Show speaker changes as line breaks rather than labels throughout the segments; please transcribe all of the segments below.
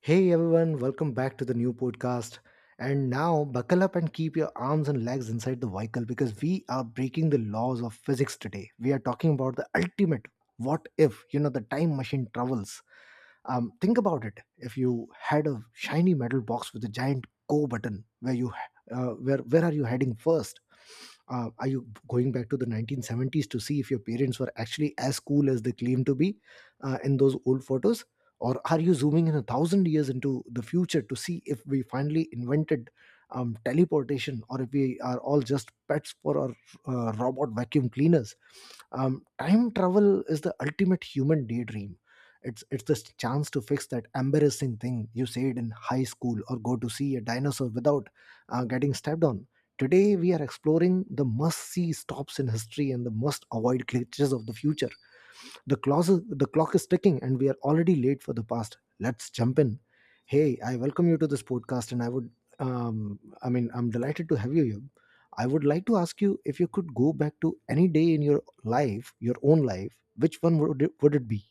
Hey everyone, welcome back to the new podcast. And now buckle up and keep your arms and legs inside the vehicle because we are breaking the laws of physics today. We are talking about the ultimate what if, you know, the time machine travels. Think about it. If you had a shiny metal box with a giant go button, where you where are you heading first? Are you going back to the 1970s to see if your parents were actually as cool as they claim to be, in those old photos? Or are you zooming in 1,000 years into the future to see if we finally invented teleportation or if we are all just pets for our robot vacuum cleaners? Time travel is the ultimate human daydream. It's this chance to fix that embarrassing thing you said in high school or go to see a dinosaur without getting stepped on. Today we are exploring the must-see stops in history and the must-avoid glitches of the future. The clock is ticking and we are already late for the past. Let's jump in. Hey, I welcome you to this podcast and I would, I mean, I'm delighted to have you here. I would like to ask you if you could go back to any day in your life, your own life, which one would it be?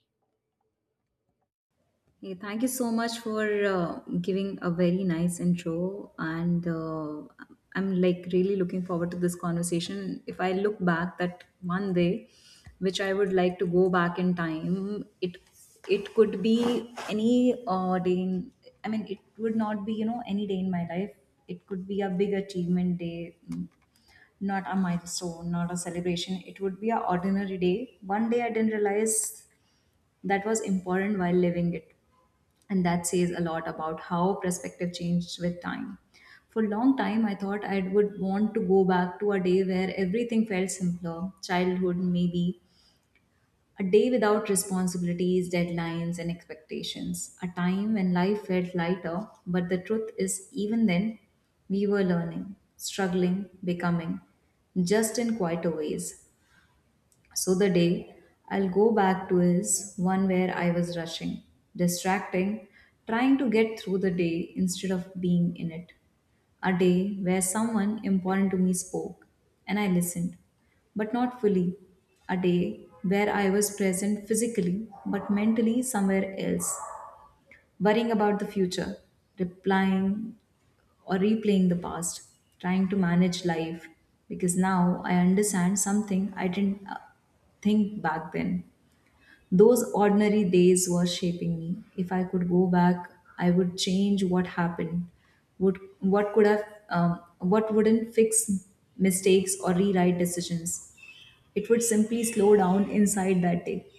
Hey, thank you so much for giving a very nice intro. And I'm like really looking forward to this conversation. If I look back that one day, which I would like to go back in time, it could be any day I mean, it would not be, any day in my life. It could be a big achievement day, not a milestone, not a celebration. It would be an ordinary day. One day I didn't realize that was important while living it, and that says a lot about how perspective changed with time. For a long time I thought I would want to go back to a day where everything felt simpler, childhood maybe, a day without responsibilities, deadlines, and expectations, a time when life felt lighter. But the truth is, even then we were learning, struggling, becoming, just in quieter ways. So the day I'll go back to is one where I was rushing, distracting, trying to get through the day instead of being in it. A day where someone important to me spoke and I listened, but not fully. A day where I was present physically but mentally somewhere else, worrying about the future, replying or replaying the past, trying to manage life. Because now I understand something I didn't think back then. Those ordinary days were shaping me. If I could go back, I would change what happened. Would what could have what wouldn't fix mistakes or rewrite decisions. It would simply slow down inside that day.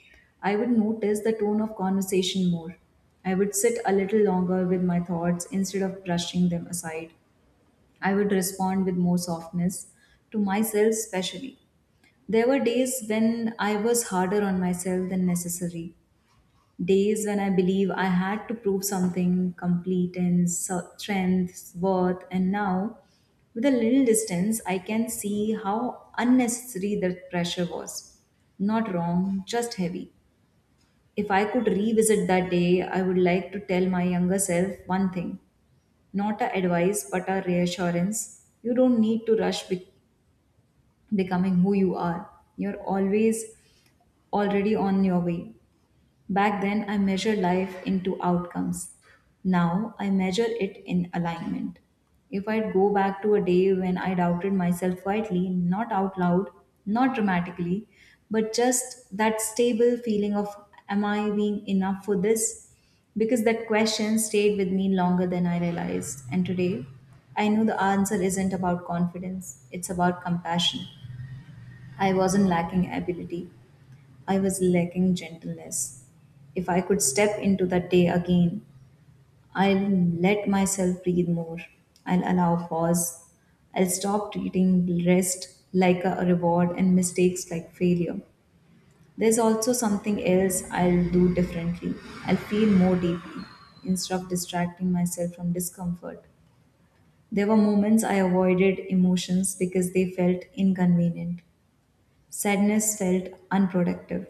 I would notice the tone of conversation more. I would sit a little longer with my thoughts instead of brushing them aside. I would respond with more softness to myself, especially. There were days when I was harder on myself than necessary. Days when I believe I had to prove something complete in strength, worth, and now, with a little distance, I can see how unnecessary that pressure was. Not wrong, just heavy. If I could revisit that day, I would like to tell my younger self one thing, not a advice, but a reassurance. You don't need to becoming who you are. You're always already on your way. Back then, I measured life into outcomes. Now, I measure it in alignment. If I'd go back to a day when I doubted myself quietly, not out loud, not dramatically, but just that stable feeling of, am I being enough for this? Because that question stayed with me longer than I realized. And today, I know the answer isn't about confidence, it's about compassion. I wasn't lacking ability, I was lacking gentleness. If I could step into that day again, I'll let myself breathe more. I'll allow pause. I'll stop treating rest like a reward and mistakes like failure. There's also something else I'll do differently. I'll feel more deeply instead of distracting myself from discomfort. There were moments I avoided emotions because they felt inconvenient. Sadness felt unproductive.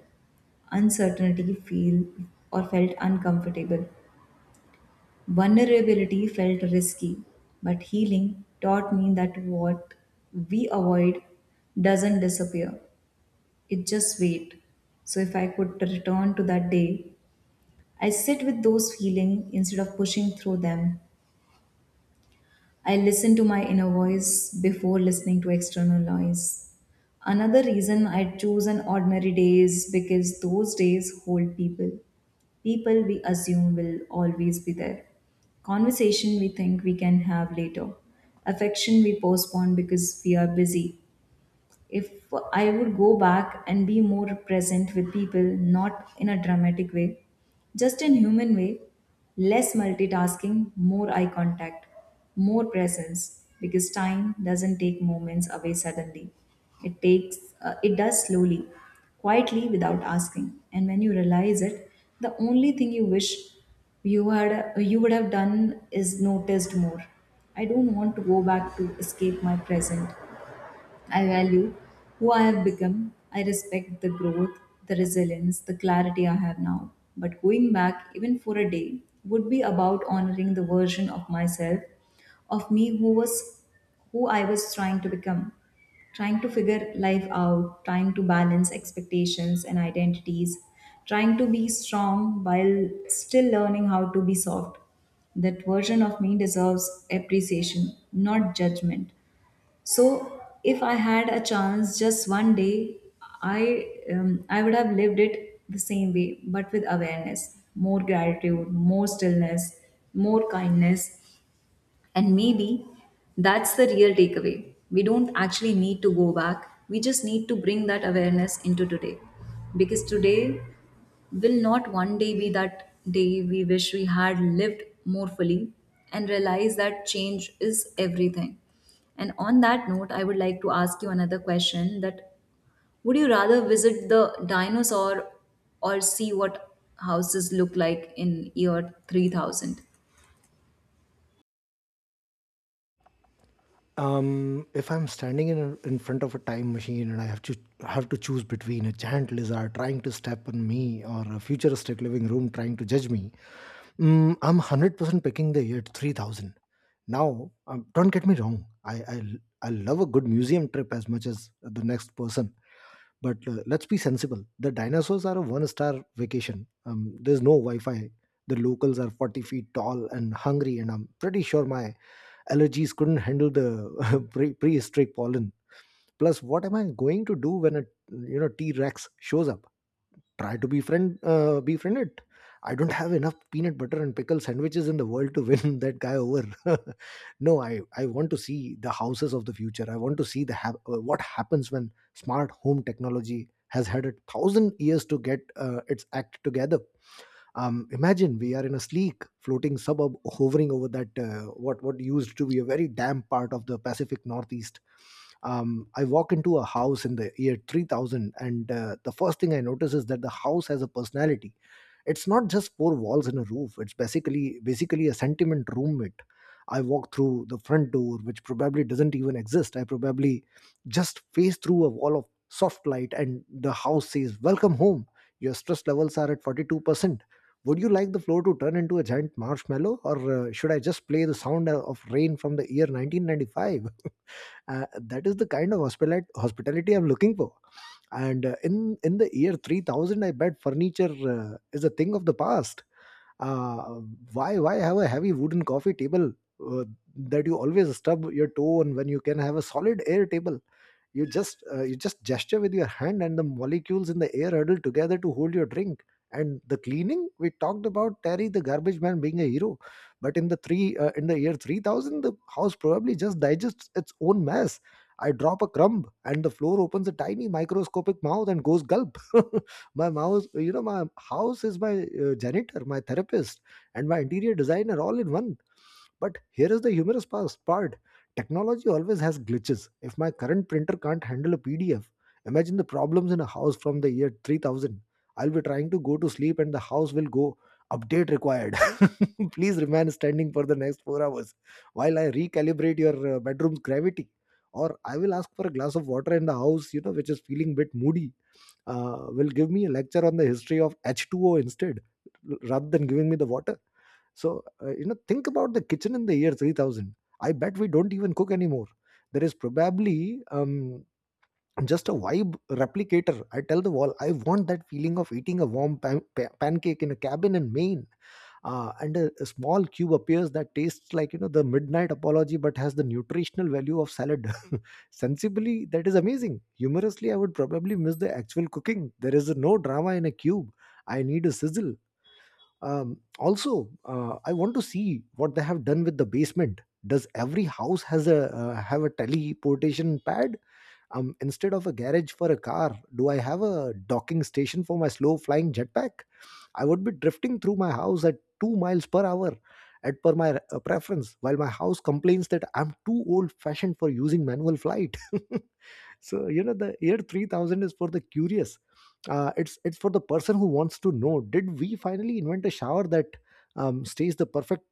Uncertainty feel or felt uncomfortable. Vulnerability felt risky, but healing taught me that what we avoid doesn't disappear, it just waits. So, if I could return to that day, I sit with those feelings instead of pushing through them. I listen to my inner voice before listening to external noise. Another reason I choose an ordinary day is because those days hold people. People we assume will always be there. Conversation we think we can have later. Affection we postpone because we are busy. If I would go back and be more present with people, not in a dramatic way, just in human way, less multitasking, more eye contact, more presence, because time doesn't take moments away suddenly. It takes, it does slowly, quietly without asking. And when you realize it, the only thing you wish you would have done is noticed more. I don't want to go back to escape my present. I value who I have become. I respect the growth, the resilience, the clarity I have now. But going back, even for a day, would be about honoring the version of myself, of me who was who I was trying to become, trying to figure life out, trying to balance expectations and identities, trying to be strong while still learning how to be soft. That version of me deserves appreciation, not judgment. So if I had a chance, just one day, I would have lived it the same way, but with awareness, more gratitude, more stillness, more kindness, and maybe that's the real takeaway. We don't actually need to go back, we just need to bring that awareness into today. Because today will not one day be that day we wish we had lived more fully and realize that change is everything. And on that note, I would like to ask you another question. That would you rather visit the dinosaur or see what houses look like in year 3000?
If I'm standing in front of a time machine and I have to choose between a giant lizard trying to step on me or a futuristic living room trying to judge me, mm, I'm 100% picking the year 3000. Now, don't get me wrong. I love a good museum trip as much as the next person. But let's be sensible. The dinosaurs are a one-star vacation. There's no Wi-Fi. The locals are 40 feet tall and hungry, and I'm pretty sure my allergies couldn't handle the prehistoric pollen. Plus, what am I going to do when a you know T-Rex shows up? Try to befriend it. I don't have enough peanut butter and pickle sandwiches in the world to win that guy over. No, I want to see the houses of the future. I want to see what happens when smart home technology has had 1,000 years to get, its act together. Imagine we are in a sleek, floating suburb hovering over that, what used to be a very damp part of the Pacific Northeast. I walk into a house in the year 3000, and the first thing I notice is that the house has a personality. It's not just 4 walls and a roof. It's basically a sentiment roommate. I walk through the front door, which probably doesn't even exist. I probably just face through a wall of soft light and the house says, welcome home, your stress levels are at 42%. Would you like the floor to turn into a giant marshmallow, or should I just play the sound of rain from the year 1995? That is the kind of hospitality I'm looking for. And in the year 3000, I bet furniture is a thing of the past. Uh, why why have a heavy wooden coffee table, uh, that you always stub your toe on when you can have a solid air table? You just you just gesture with your hand and the molecules in the air huddle together to hold your drink. And the cleaning, we talked about Terry the garbage man being a hero, but in the year 3000, the house probably just digests its own mess. I drop a crumb and the floor opens a tiny microscopic mouth and goes gulp. my mouse you know my house is my janitor, my therapist, and my interior designer, all in one. But here is the humorous part. Technology always has glitches. If my current printer can't handle a PDF, imagine the problems in a house from the year 3000. I'll be trying to go to sleep and the house will go, update required. Please remain standing for the next 4 hours while I recalibrate your, bedroom's gravity. Or I will ask for a glass of water in the house, you know, which is feeling bit moody. Will give me a lecture on the history of H2O instead, rather than giving me the water. So, think about the kitchen in the year 3000. I bet we don't even cook anymore. There is probably just a vibe replicator. I tell the wall, I want that feeling of eating a warm pancake in a cabin in Maine. And a small cube appears that tastes like, you know, the midnight apology but has the nutritional value of salad. Sensibly, that is amazing. Humorously, I would probably miss the actual cooking. There is no drama in a cube. I need a sizzle. Also I want to see what they have done with the basement. Does every house has a have a teleportation pad? Instead of a garage for a car, do I have a docking station for my slow flying jetpack? I would be drifting through my house at 2 miles per hour at per my preference, while my house complains that I'm too old fashioned for using manual flight. So you know the year 3000 is for the curious. It's for the person who wants to know, did we finally invent a shower that stays the perfect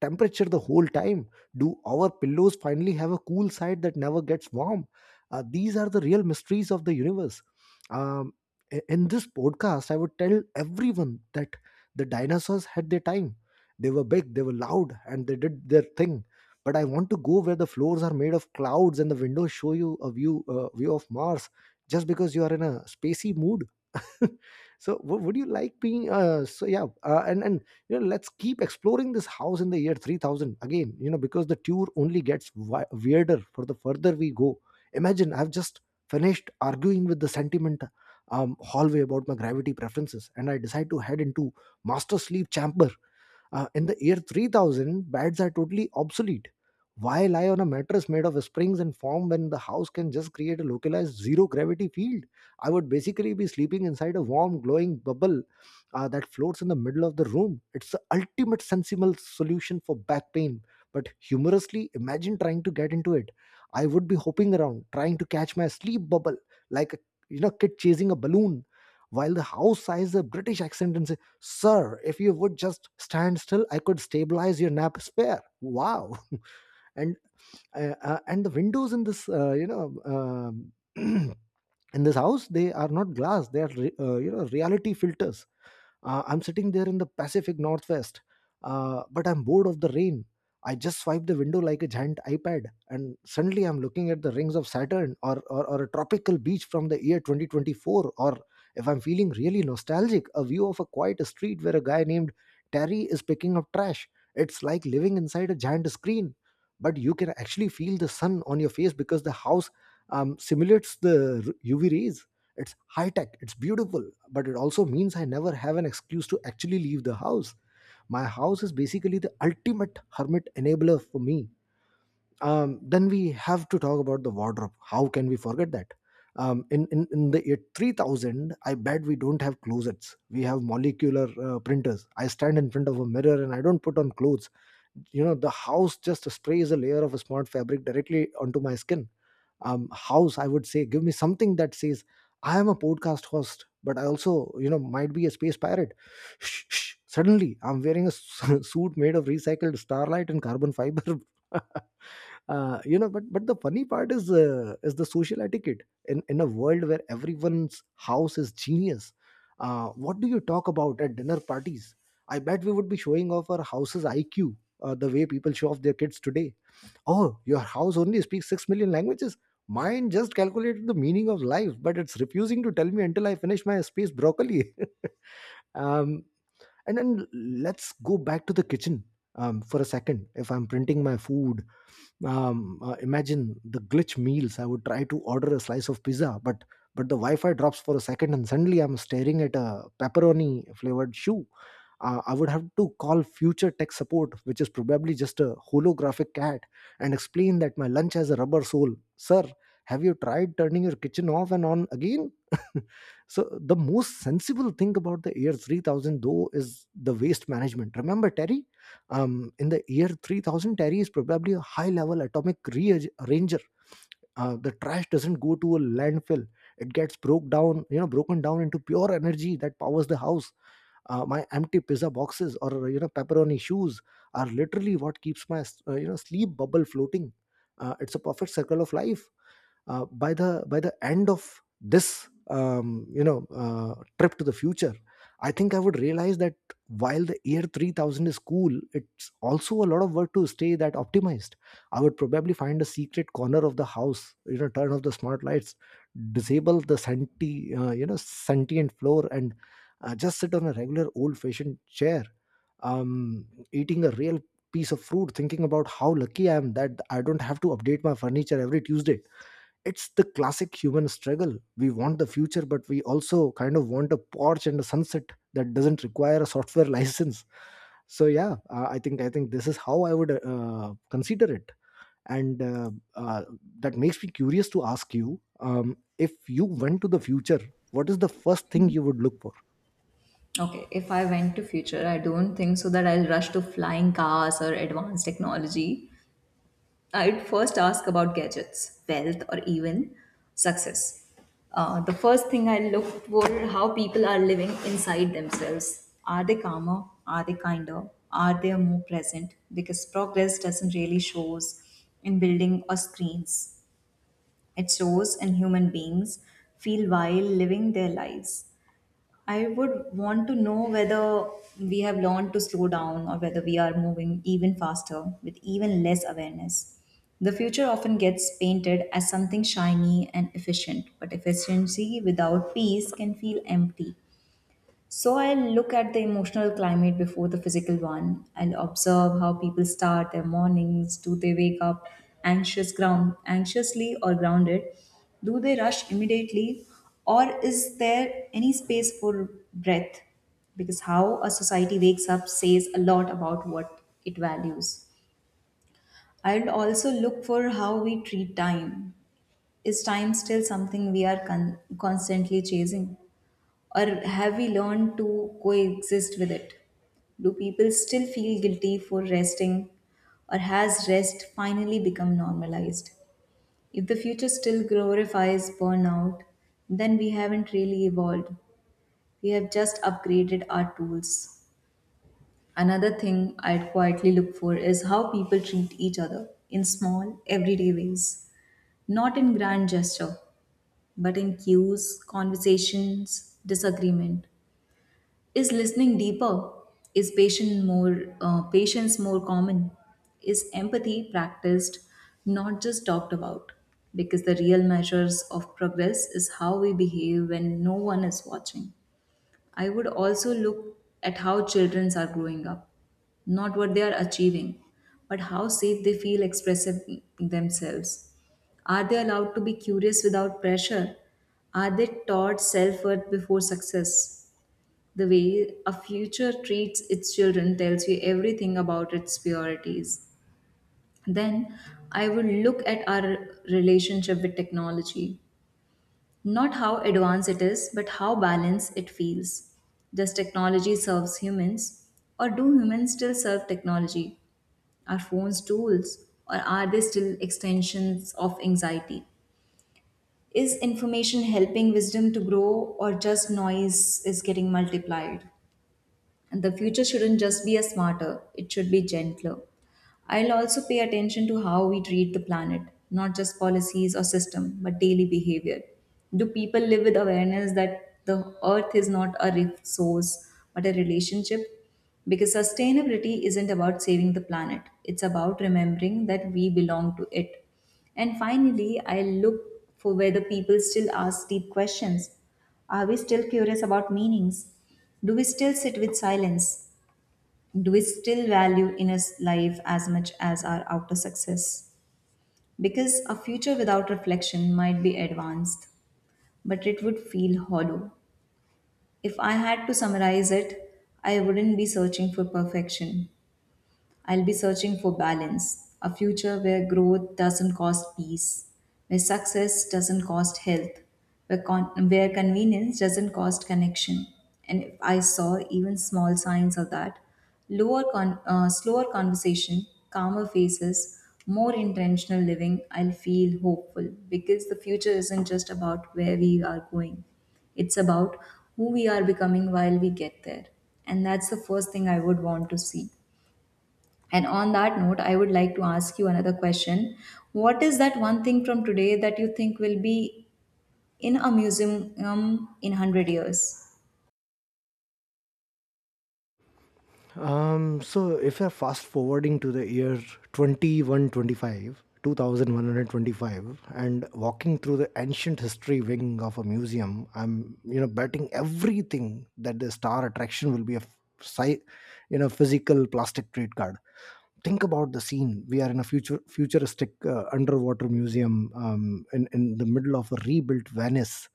temperature the whole time? Do our pillows finally have a cool side that never gets warm? These are the real mysteries of the universe. Um, in this podcast, I would tell everyone that the dinosaurs had their time. They were big, they were loud, and they did their thing. But I want to go where the floors are made of clouds and the windows show you a view of Mars, just because you are in a spacey mood. So w- would you like being so yeah and you know, let's keep exploring this house in the year 3000 again, you know, because the tour only gets weirder for the further we go. Imagine I've just finished arguing with the sentiment hallway about my gravity preferences and I decide to head into master sleep chamber. In the year 3000, beds are totally obsolete. Why lie on a mattress made of springs and foam when the house can just create a localized zero gravity field? I would basically be sleeping inside a warm, glowing bubble, that floats in the middle of the room. It's the ultimate sensible solution for back pain. But humorously, imagine trying to get into it. I would be hopping around, trying to catch my sleep bubble like a you know kid chasing a balloon, while the house sighs a British accent and says, sir, if you would just stand still, I could stabilize your nap spare. Wow. And and the windows in this, in this house, they are not glass. They are, reality filters. I'm sitting there in the Pacific Northwest, but I'm bored of the rain. I just swipe the window like a giant iPad, and suddenly I'm looking at the rings of Saturn, or a tropical beach from the year 2024. Or if I'm feeling really nostalgic, a view of a quiet street where a guy named Terry is picking up trash. It's like living inside a giant screen, but you can actually feel the sun on your face because the house simulates the UV rays. It's high tech, it's beautiful, but it also means I never have an excuse to actually leave the house. My house is basically the ultimate hermit enabler for me. Then we have to talk about the wardrobe. How can we forget that? In the year 3000, I bet we don't have closets. We have molecular printers. I stand in front of a mirror and I don't put on clothes. You know, the house just sprays a layer of a smart fabric directly onto my skin. House, I would say, give me something that says I am a podcast host but I also, you know, might be a space pirate. Shh, shh. Suddenly I'm wearing a suit made of recycled starlight and carbon fiber. You know But the funny part is the social etiquette in a world where everyone's house is genius. Uh, what do you talk about at dinner parties? I bet we would be showing off our house's IQ, the way people show off their kids today. Oh, your house only speaks 6 million languages? Mine just calculated the meaning of life, but it's refusing to tell me until I finish my space broccoli. um, and then let's go back to the kitchen for a second. If I'm printing my food, imagine the glitch meals. I would try to order a slice of pizza, but the Wi-Fi drops for a second and suddenly I'm staring at a pepperoni flavored shoe. I would have to call future tech support, which is probably just a holographic cat, and explain that my lunch has a rubber sole, sir. Have you tried turning your kitchen off and on again? So the most sensible thing about the year 3000 though is the waste management. Remember Terry? In the year 3000, Terry is probably a high level atomic rearranger. The trash doesn't go to a landfill. It gets broke down, you know, broken down into pure energy that powers the house. My empty pizza boxes, or pepperoni shoes, are literally what keeps my sleep bubble floating. It's a perfect circle of life. By the end of this trip to the future, I think I would realize that while the year 3000 is cool, it's also a lot of work to stay that optimized. I would probably find a secret corner of the house, turn off the smart lights, disable the senti sentient floor, and just sit on a regular old fashioned chair, um, eating a real piece of fruit, thinking about how lucky I am that I don't have to update my furniture every Tuesday. It's the classic human struggle. We want the future, but we also kind of want a porch and a sunset that doesn't require a software license. So yeah, I think this is how I would consider it, and uh, that makes me curious to ask you, if you went to the future, what is the first thing you would look for?
Okay, if I went to future, I don't think so that I'll rush to flying cars or advanced technology. I'd first ask about gadgets, wealth, or even success. The first thing I looked were how people are living inside themselves. Are they calmer? Are they kinder? Are they more present? Because progress doesn't really shows in building or screens. It shows in human beings feel while living their lives. I would want to know whether we have learned to slow down or whether we are moving even faster with even less awareness. The future often gets painted as something shiny and efficient, but efficiency without peace can feel empty. So I'll look at the emotional climate before the physical one. I'll observe how people start their mornings. Do they wake up anxious ground anxiously or grounded? Do they rush immediately? Or is there any space for breath? Because how a society wakes up says a lot about what it values. I'll also look for how we treat time. Is time still something we are constantly chasing? Or have we learned to coexist with it? Do people still feel guilty for resting? Or has rest finally become normalized? If the future still glorifies burnout, then we haven't really evolved. We have just upgraded our tools. Another thing I'd quietly look for is how people treat each other in small, everyday ways. Not in grand gesture, but in cues, conversations, disagreement. Is listening deeper? Is patient more patience more common? Is empathy practiced, not just talked about? Because the real measures of progress is how we behave when no one is watching. I would also look at how children are growing up, not what they are achieving, but how safe they feel expressing themselves. Are they allowed to be curious without pressure? Are they taught self worth before success? The way a future treats its children tells you everything about its priorities. Then I would look at our relationship with technology. Not how advanced it is, but how balanced it feels. Does technology serve humans? Or do humans still serve technology? Are phones tools? Or are they still extensions of anxiety? Is information helping wisdom to grow, or just noise is getting multiplied? And the future shouldn't just be a smarter, it should be gentler. I'll also pay attention to how we treat the planet, not just policies or system, but daily behavior. Do people live with awareness that the earth is not a resource but a relationship? Because sustainability isn't about saving the planet, it's about remembering that we belong to it. And finally, I look for whether people still ask deep questions. Are we still curious about meanings? Do we still sit with silence? Do we still value inner life as much as our outer success? Because a future without reflection might be advanced, but it would feel hollow. If I had to summarize it, I wouldn't be searching for perfection. I'll be searching for balance, a future where growth doesn't cost peace, where success doesn't cost health, where, con- where convenience doesn't cost connection. And if I saw even small signs of that, slower conversation, calmer faces, more intentional living, I'll feel hopeful because the future isn't just about where we are going. It's about who we are becoming while we get there. And that's the first thing I would want to see. And on that note, I would like to ask you another question. What is that one thing from today that you think will be in a museum in 100 years?
So if you're fast forwarding to the year 2125, 2125, and walking through the ancient history wing of a museum, I'm, betting everything that the star attraction will be a physical plastic trade card. Think about the scene. We are in a future futuristic underwater museum in the middle of a rebuilt Venice.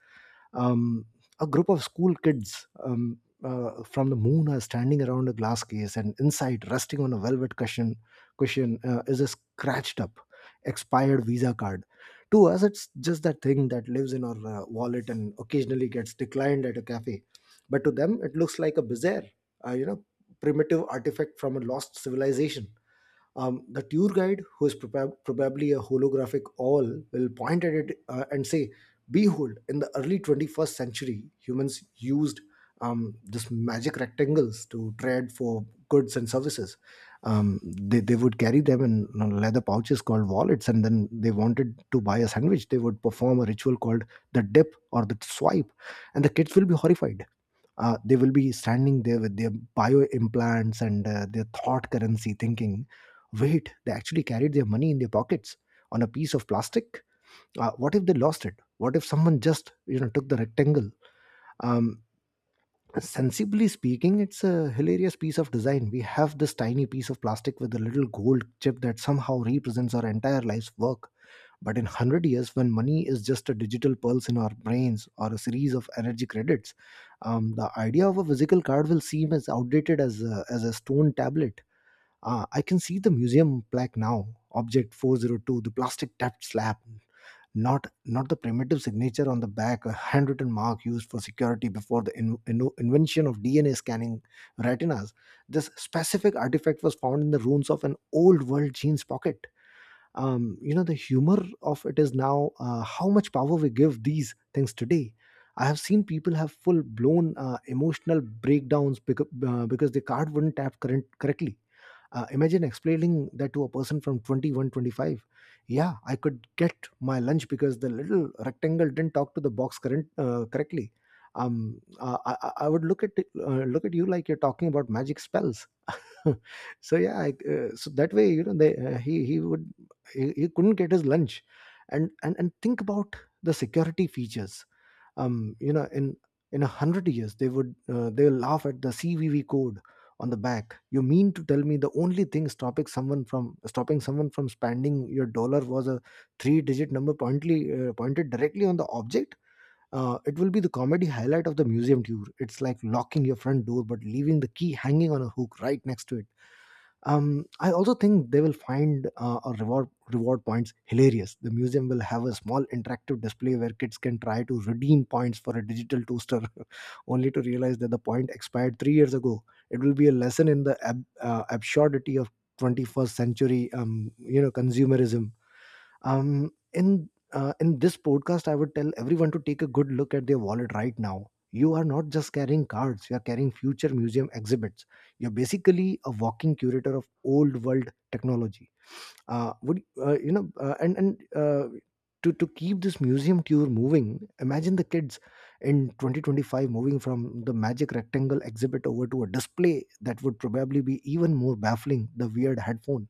um, a group of school kids from the moon are standing around a glass case, and inside, resting on a velvet cushion, is a scratched up, expired Visa card. To us, it's just that thing that lives in our wallet and occasionally gets declined at a cafe. But to them, it looks like a bizarre, uh, you know, primitive artifact from a lost civilization. The tour guide, who is probably a holographic all, will point at it and say, "Behold, in the early 21st century, humans used this magic rectangles to trade for goods and services. They would carry them in, leather pouches called wallets, and then they wanted to buy a sandwich. They would perform a ritual called the dip or the swipe." And the kids will be horrified. They will be standing there with their bio implants and their thought currency thinking, wait, they actually carried their money in their pockets on a piece of plastic? What if they lost it? What if someone just took the rectangle? um, Sensibly speaking, it's a hilarious piece of design. We have this tiny piece of plastic with a little gold chip that somehow represents our entire life's work. But in 100 years, when money is just a digital pulse in our brains or a series of energy credits, the idea of a physical card will seem as outdated as a stone tablet. I can see the museum plaque now: Object 402, the plastic tapped slab, not the primitive signature on the back, a handwritten mark used for security before the invention of DNA scanning retinas. This specific artifact was found in the ruins of an old world jeans pocket. The humor of it is now how much power we give these things today. I have seen people have full blown emotional breakdowns because the card wouldn't tap current correctly. Uh, imagine explaining that to a person from 2125. Yeah, I could get my lunch because the little rectangle didn't talk to the box current, correctly. I would look at you like you're talking about magic spells. So yeah, so that way, you know, he couldn't get his lunch. And think about the security features. Um, you know, in in a hundred years, they would they'll laugh at the CVV code on the back. You mean to tell me the only thing stopping someone from spending your dollar was a three digit number pointly pointed directly on the object? Uh, it will be the comedy highlight of the museum tour. It's like locking your front door but leaving the key hanging on a hook right next to it. Um, I also think they will find our reward points hilarious. The museum will have a small interactive display where kids can try to redeem points for a digital toaster, only to realize that the point expired 3 years ago. It will be a lesson in the absurdity of 21st century, consumerism. In this podcast, I would tell everyone to take a good look at their wallet right now. You are not just carrying cards, you are carrying future museum exhibits. You're basically a walking curator of old world technology. Uh, would you know and To keep this museum tour moving, imagine the kids in 2025 moving from the magic rectangle exhibit over to a display that would probably be even more baffling: the weird headphone.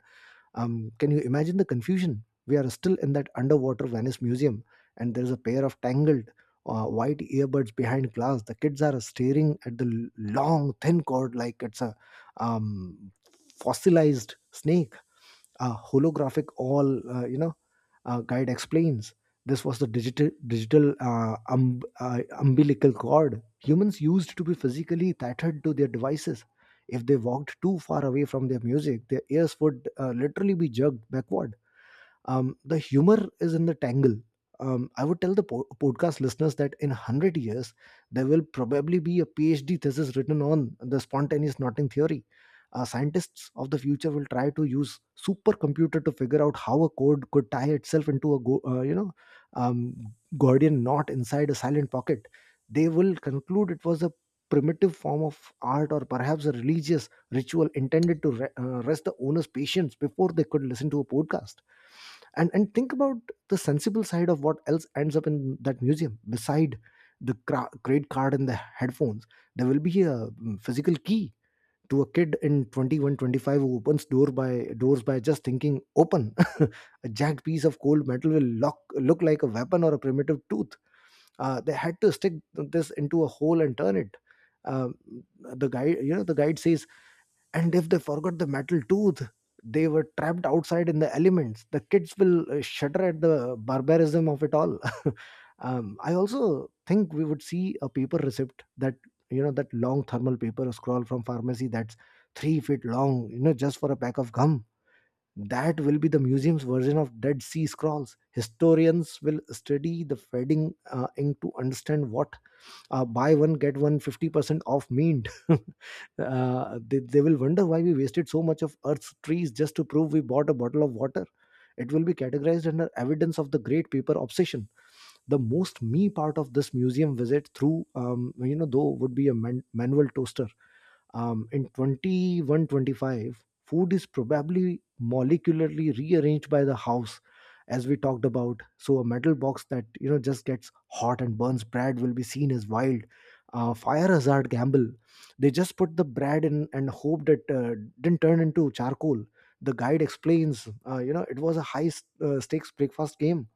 Um, can you imagine the confusion? We are still in that underwater Venice museum, and there's a pair of tangled white earbuds behind glass. The kids are staring at the long, thin cord like it's a um, fossilized snake. A holographic all guide explains, "This was the digital umbilical cord humans used to be physically tethered to their devices. If they walked too far away from their music, their ears would literally be jerked backward." The humor is in the tangle. I would tell the podcast listeners that in 100 years, there will probably be a PhD thesis written on the spontaneous knotting theory. Scientists of the future will try to use supercomputer to figure out how a cord could tie itself into a um, Gordian knot inside a silent pocket. They will conclude it was a primitive form of art or perhaps a religious ritual intended to rest the owner's patience before they could listen to a podcast. And think about the sensible side of what else ends up in that museum beside the credit card and the headphones. There will be a physical key. To a kid in 2125 who opens doors by just thinking open, a jagged piece of cold metal will look like a weapon or a primitive tooth. Uh, they had to stick this into a hole and turn it. um, the guide says, "And if they forgot the metal tooth, they were trapped outside in the elements." The kids will shudder at the barbarism of it all. Um, I also think we would see a paper receipt, that you know that long thermal paper scroll from pharmacy that's 3 feet long, just for a pack of gum. That will be the museum's version of Dead Sea Scrolls. Historians will study the fading ink to understand what buy one get one 50% off meant. They will wonder why we wasted so much of earth's trees just to prove we bought a bottle of water. It will be categorized under evidence of the great paper obsession. The most me part of this museum visit through, though, would be a manual toaster. Um, in 2125, food is probably molecularly rearranged by the house, as we talked about. So a metal box that just gets hot and burns bread will be seen as wild. Fire hazard gamble. They just put the bread in and hoped it didn't turn into charcoal. The guide explains, it was a high stakes breakfast game.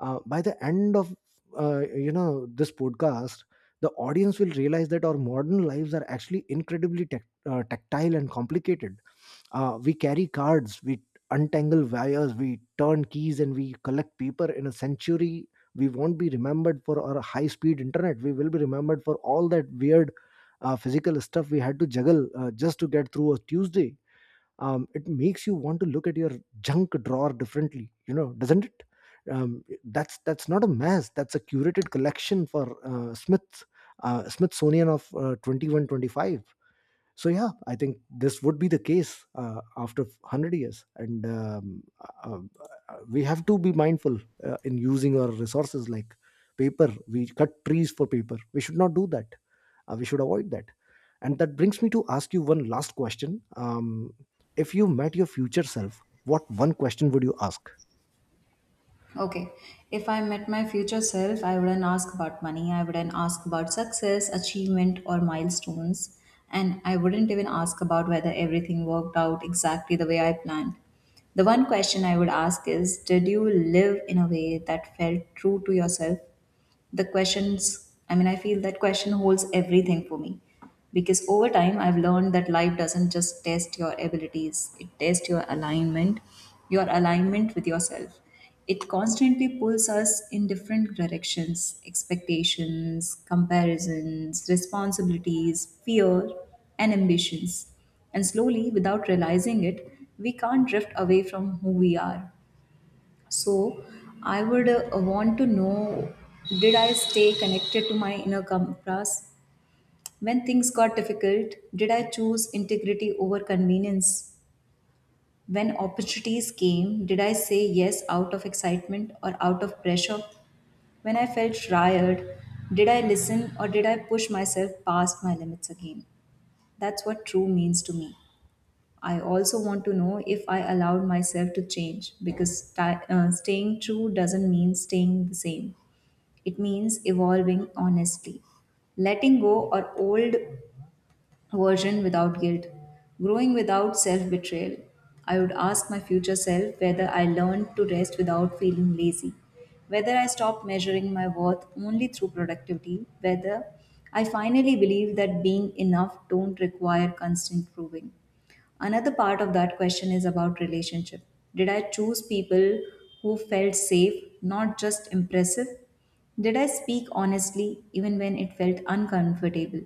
By the end of this podcast, the audience will realize that our modern lives are actually incredibly tactile and complicated. Uh, we carry cards, we untangle wires, we turn keys, and we collect paper. In a century, we won't be remembered for our high speed internet. We will be remembered for all that weird physical stuff we had to juggle just to get through a Tuesday. Um, it makes you want to look at your junk drawer differently, you know, doesn't it? That's not a mess, that's a curated collection for Smithsonian of 2125. So yeah, I think this would be the case after 100 years, and we have to be mindful in using our resources like paper. We cut trees for paper, we should not do that. We should avoid that. And that brings me to ask you one last question. If you met your future self, what one question would you ask?
Okay, if I met my future self, I wouldn't ask about money, I wouldn't ask about success, achievement, or milestones, and I wouldn't even ask about whether everything worked out exactly the way I planned. The one question I would ask is, did you live in a way that felt true to yourself? The questions, I mean, I feel that question holds everything for me. Because over time I've learned that life doesn't just test your abilities, it tests your alignment, your alignment with yourself. It constantly pulls us in different directions, expectations, comparisons, responsibilities, fear, and ambitions. And slowly, without realizing it, we can't drift away from who we are. So I would want to know, did I stay connected to my inner compass? When things got difficult, did I choose integrity over convenience? When opportunities came, did I say yes out of excitement or out of pressure? When I felt tired, did I listen or did I push myself past my limits again? That's what true means to me. I also want to know if I allowed myself to change. Because staying true doesn't mean staying the same. It means evolving honestly, letting go or old version without guilt, growing without self betrayal. I would ask my future self whether I learned to rest without feeling lazy, whether I stopped measuring my worth only through productivity, whether I finally believe that being enough don't require constant proving. Another part of that question is about relationship. Did I choose people who felt safe, not just impressive? Did I speak honestly even when it felt uncomfortable?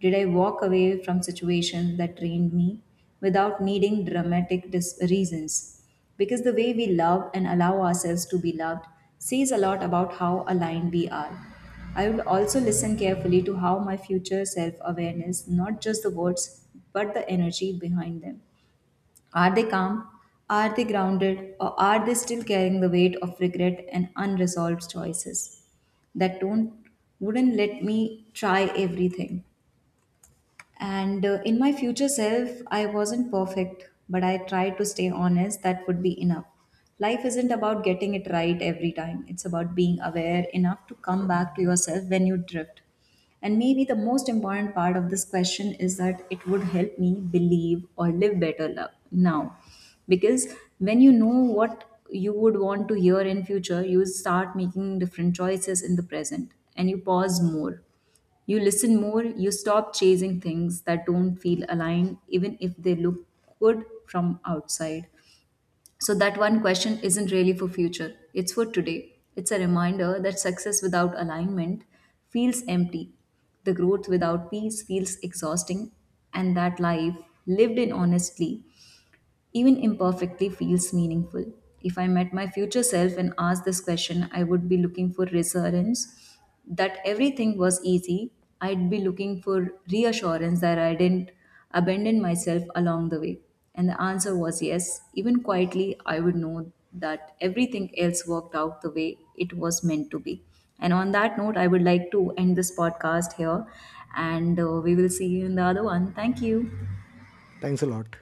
Did I walk away from situations that drained me without needing reasons? Because the way we love and allow ourselves to be loved says a lot about how aligned we are. I will also listen carefully to how my future self awareness, not just the words, but the energy behind them. Are they calm? Are they grounded? Or are they still carrying the weight of regret and unresolved choices? That don't Wouldn't let me try everything. And in my future self, I wasn't perfect, but I tried to stay honest. That would be enough. Life isn't about getting it right every time, it's about being aware enough to come back to yourself when you drift. And maybe the most important part of this question is that it would help me believe or live better love now. Because when you know what you would want to hear in future, you start making different choices in the present, and you pause more, you listen more, you stop chasing things that don't feel aligned, even if they look good from outside. So, that one question isn't really for future, it's for today. It's a reminder that success without alignment feels empty, the growth without peace feels exhausting, and that life lived in honestly, even imperfectly, feels meaningful. If I met my future self and asked this question, I would be looking for reassurance that everything was easy. I'd be looking for reassurance that I didn't abandon myself along the way. And the answer was yes. Even quietly, I would know that everything else worked out the way it was meant to be. And on that note, I would like to end this podcast here. And we will see you in the other one. Thank you.
Thanks a lot.